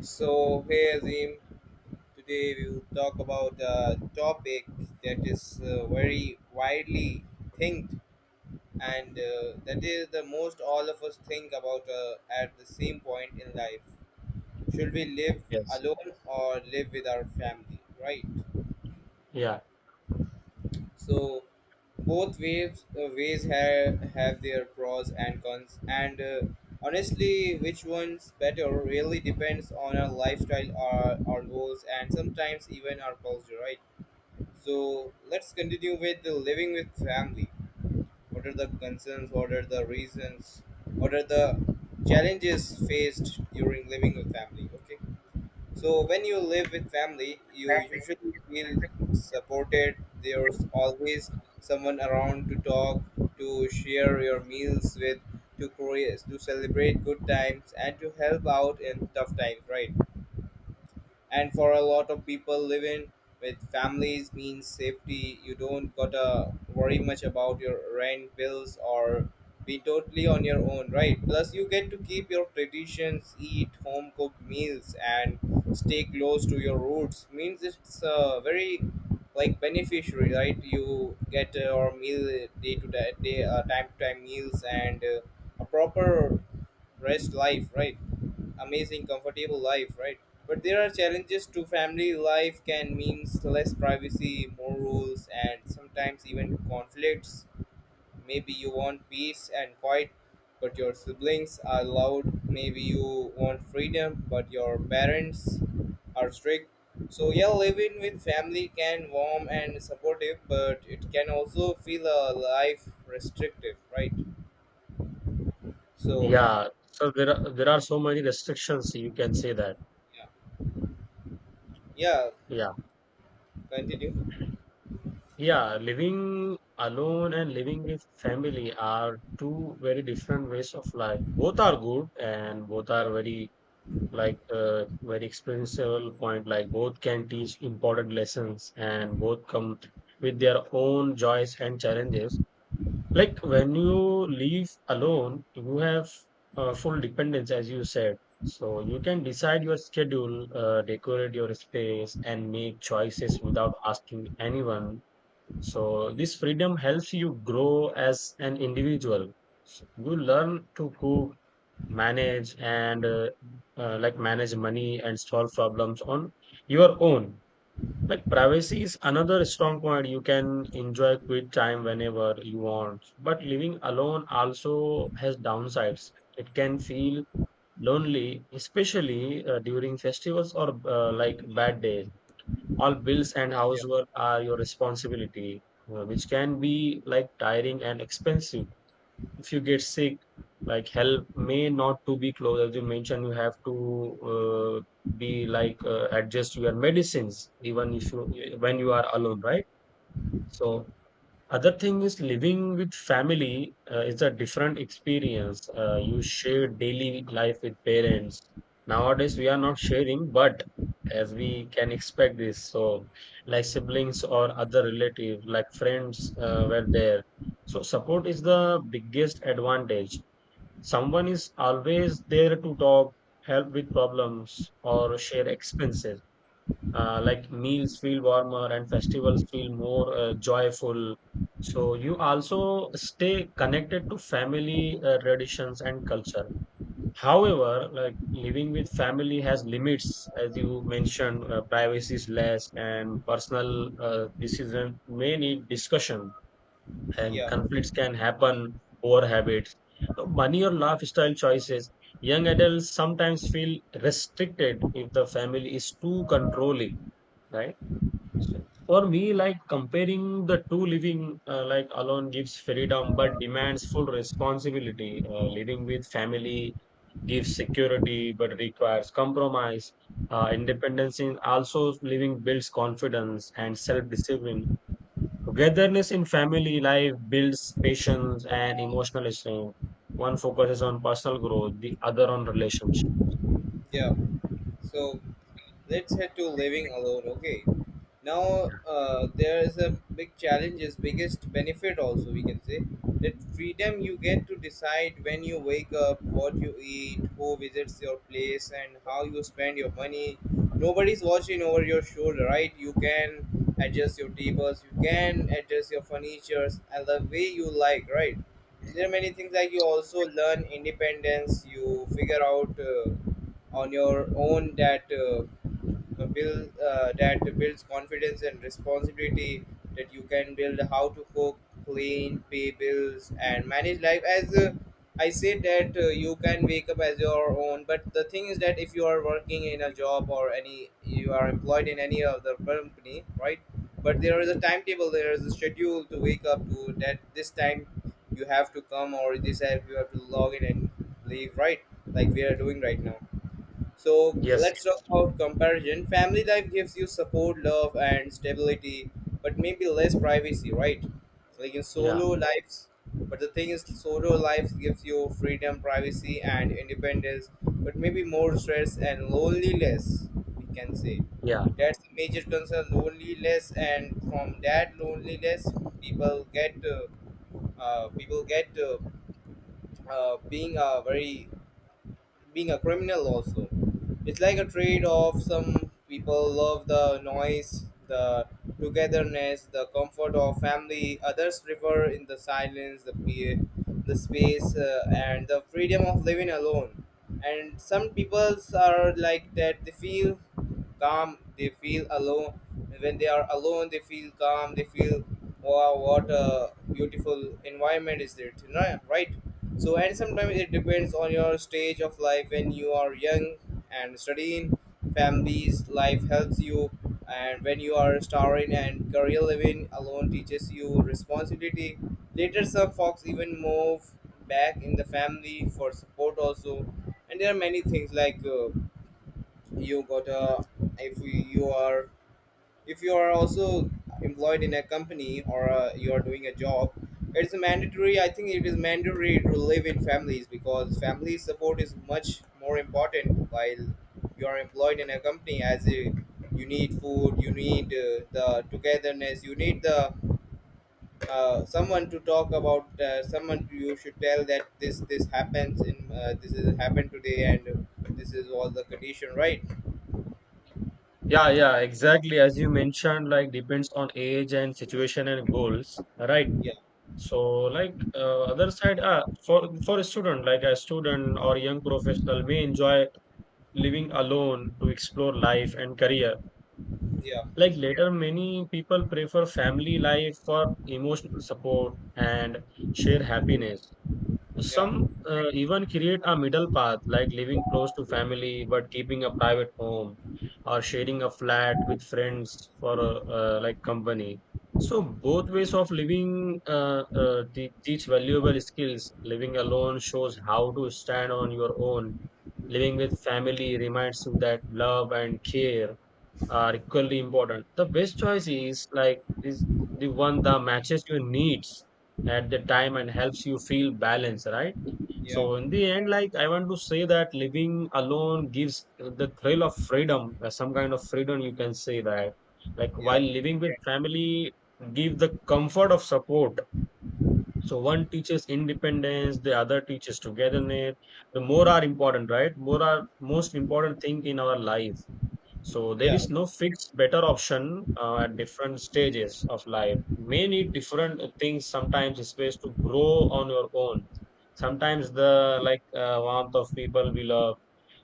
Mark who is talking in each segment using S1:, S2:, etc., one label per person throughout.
S1: So, hey Azim, today we will talk about a topic that is very widely thinked, and that is the most all of us think about, at the same point in life. Should we live
S2: Yes.
S1: alone or live with our family, right?
S2: Yeah.
S1: So both waves ways have their pros and cons, and honestly, which one's better really depends on our lifestyle, our goals, and sometimes even our culture, right? So let's continue with the living with family. What are the concerns? What are the reasons? What are the challenges faced during living with family? Okay. So when you live with family, you usually feel supported. There's always someone around to talk, to share your meals with, to curious, to celebrate good times, and to help out in tough times, right? And for a lot of people, living with families means safety. You don't gotta worry much about your rent bills or be totally on your own, right? Plus, you get to keep your traditions, eat home cooked meals, and stay close to your roots. Means it's a very like beneficiary, right? You get your meal day to day, time to time meals, and a proper rest life, right? Amazing, comfortable life, right? But there are challenges to family life. Can means less privacy, more rules, and sometimes even conflicts. Maybe you want peace and quiet, but your siblings are loud. Maybe you want freedom, but your parents are strict. So yeah, living with family can warm and supportive, but it can also feel a life restrictive, right? So
S2: Yeah. So there are so many restrictions, you can say that.
S1: yeah, yeah,
S2: Yeah.
S1: continue.
S2: Yeah. Living alone and living with family are two very different ways of life. Both are good and both
S1: Yeah,
S2: are very like very experiential point. Like both can teach important lessons and both come with their own joys and challenges. Like when you leave alone, you have full dependence, as you said. So you can decide your schedule, decorate your space, and make choices without asking anyone. So this freedom helps you grow as an individual. So you learn to cook, manage, and like manage money and solve problems on your own. Like privacy is another strong point. You can enjoy quiet time whenever you want. But living alone also has downsides. It can feel lonely, especially during festivals or like bad days. All bills and
S1: yeah,
S2: housework are your responsibility, which can be like tiring and expensive if you get sick, like help may not to be close. As you mentioned, you have to uh, be like, adjust your medicines even if you when you are alone, right? So other thing is, living with family is a different experience. You share daily life with parents. Nowadays we are not sharing, but as we can expect this. So like siblings or other relative, like friends, were there. So support is the biggest advantage. Someone is always there to talk, help with problems, or share expenses. Like meals feel warmer and festivals feel more joyful. So you also stay connected to family traditions and culture. However, like living with family has limits. As you mentioned, privacy is less, and personal decision may need discussion and
S1: yeah.
S2: conflicts can happen over habits. So, money or lifestyle choices. Young adults sometimes feel restricted if the family is too controlling, right? So for me, like comparing the two, living like alone gives freedom but demands full responsibility. Living with family gives security but requires compromise. Independence in also living builds confidence and self discipline. Togetherness in family life builds patience and emotional strength. One focuses on personal growth, the other on relationship.
S1: Yeah. So let's head to living alone, okay? Now
S2: Yeah.
S1: there is a big challenge, is biggest benefit also, we can say that freedom. You get to decide when you wake up, what you eat, who visits your place, and how you spend your money. Nobody's watching over your shoulder, right? You can adjust your tables, you can adjust your furnitures and the way you like, right? And there are many things like you also learn independence. You figure out on your own that build that builds confidence and responsibility, that you can build how to cook, clean, pay bills, and manage life. As I said that, you can wake up as your own. But the thing is that if you are working in a job or any, you are employed in any other company, right? But there is a timetable, there is a schedule to wake up to that this time you have to come, or this app you have to log in and leave, right? Like we are doing right now. So
S2: Yes,
S1: let's talk about comparison. Family life gives you support, love, and stability, but maybe less privacy, right? Like in
S2: yeah,
S1: solo lives. But the thing is, solo life gives you freedom, privacy, and independence, but maybe more stress and loneliness, we can say.
S2: yeah,
S1: That's the major concern, loneliness, and from that loneliness, people get uh, people get, being very being a criminal also. It's like a trade off. Some people love the noise, the togetherness, the comfort of family. Others prefer in the silence, the the space, and the freedom of living alone. And some peoples are like that, they feel calm, they feel alone. When they are alone, they feel calm, they feel wow, what a beautiful environment is it, right? So and sometimes it depends on your stage of life. When you are young and studying, families life helps you. And when you are starring and career, living alone teaches you responsibility. Later, some folks even move back in the family for support also. And there are many things like, you got a, if you are if you are also employed in a company, or you are doing a job, it's mandatory. I think it is mandatory to live in families, because family support is much more important while you are employed in a company. As a, you need food, you need the togetherness, you need the someone to talk about, someone you should tell that this happens in, this is happened today, and this is all the condition, right?
S2: yeah, yeah, exactly. As you mentioned, like depends on age and situation and goals, right?
S1: Yeah,
S2: So, like other side, ah, for a student, like a student or young professional may enjoy living alone to explore life and career.
S1: yeah,
S2: Like later, many people prefer family life for emotional support and share happiness.
S1: yeah,
S2: Some even create a middle path, like living close to family but keeping a private home or sharing a flat with friends for like company. So both ways of living, teach valuable skills. Living alone shows how to stand on your own. Living with family reminds you that love and care are equally important. The best choice is the one that matches your needs at the time and helps you feel balanced, right?
S1: yeah,
S2: So in the end, like I want to say that living alone gives the thrill of freedom, some kind of freedom, you can say that. Like while
S1: yeah,
S2: living with family give the comfort of support. So one teaches independence, the other teaches togetherness. The more are important, right? More are most important thing in our life. So there
S1: yeah,
S2: is no fixed better option. At different stages of life, may need different things. Sometimes it's best to grow on your own. Sometimes the like warmth of people we love.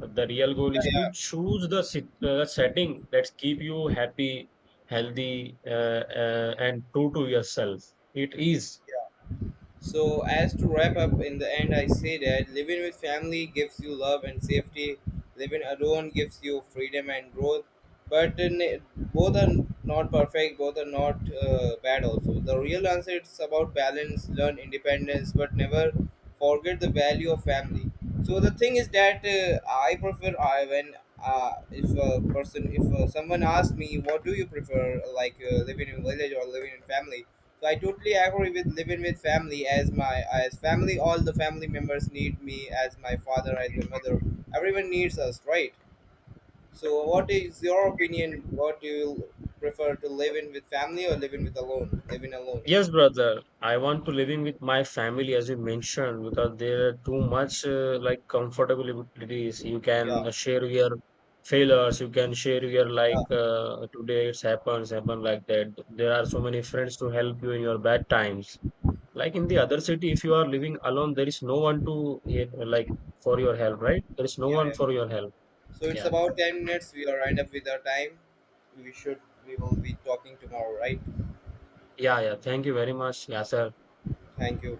S2: The real goal
S1: yeah,
S2: is to
S1: yeah.
S2: choose the setting that keep you happy, healthy, and true to yourself. It is.
S1: Yeah. So as to wrap up in the end, I say that living with family gives you love and safety. Living alone gives you freedom and growth. But in both are not perfect. Both are not bad. Also, the real answer is about balance. Learn independence, but never forget the value of family. So the thing is that I prefer I when if a person, if someone asks me what do you prefer, like living in village or living in family. So I totally agree with living with family, as my as family, all the family members need me, as my father, as my mother, everyone needs us, right. So what is your opinion? What do you prefer, to live in with family or living with alone? Living alone.
S2: Yes, brother. I want to living with my family, as you mentioned, because there are too much like comfortabilities. You
S1: Yeah.
S2: can share your failures. You can share your like
S1: Yeah.
S2: today it's happen like that. There are so many friends to help you in your bad times. Like in the
S1: Yeah.
S2: other city, if you are living alone, there is no one to like for your help, right? There is no
S1: Yeah.
S2: one
S1: Yeah.
S2: for your help.
S1: So it's
S2: Yeah,
S1: about 10 minutes. We are lined up with our time. We should, we will be talking tomorrow, right?
S2: yeah, yeah. Thank you very much, yeah, sir.
S1: Thank you.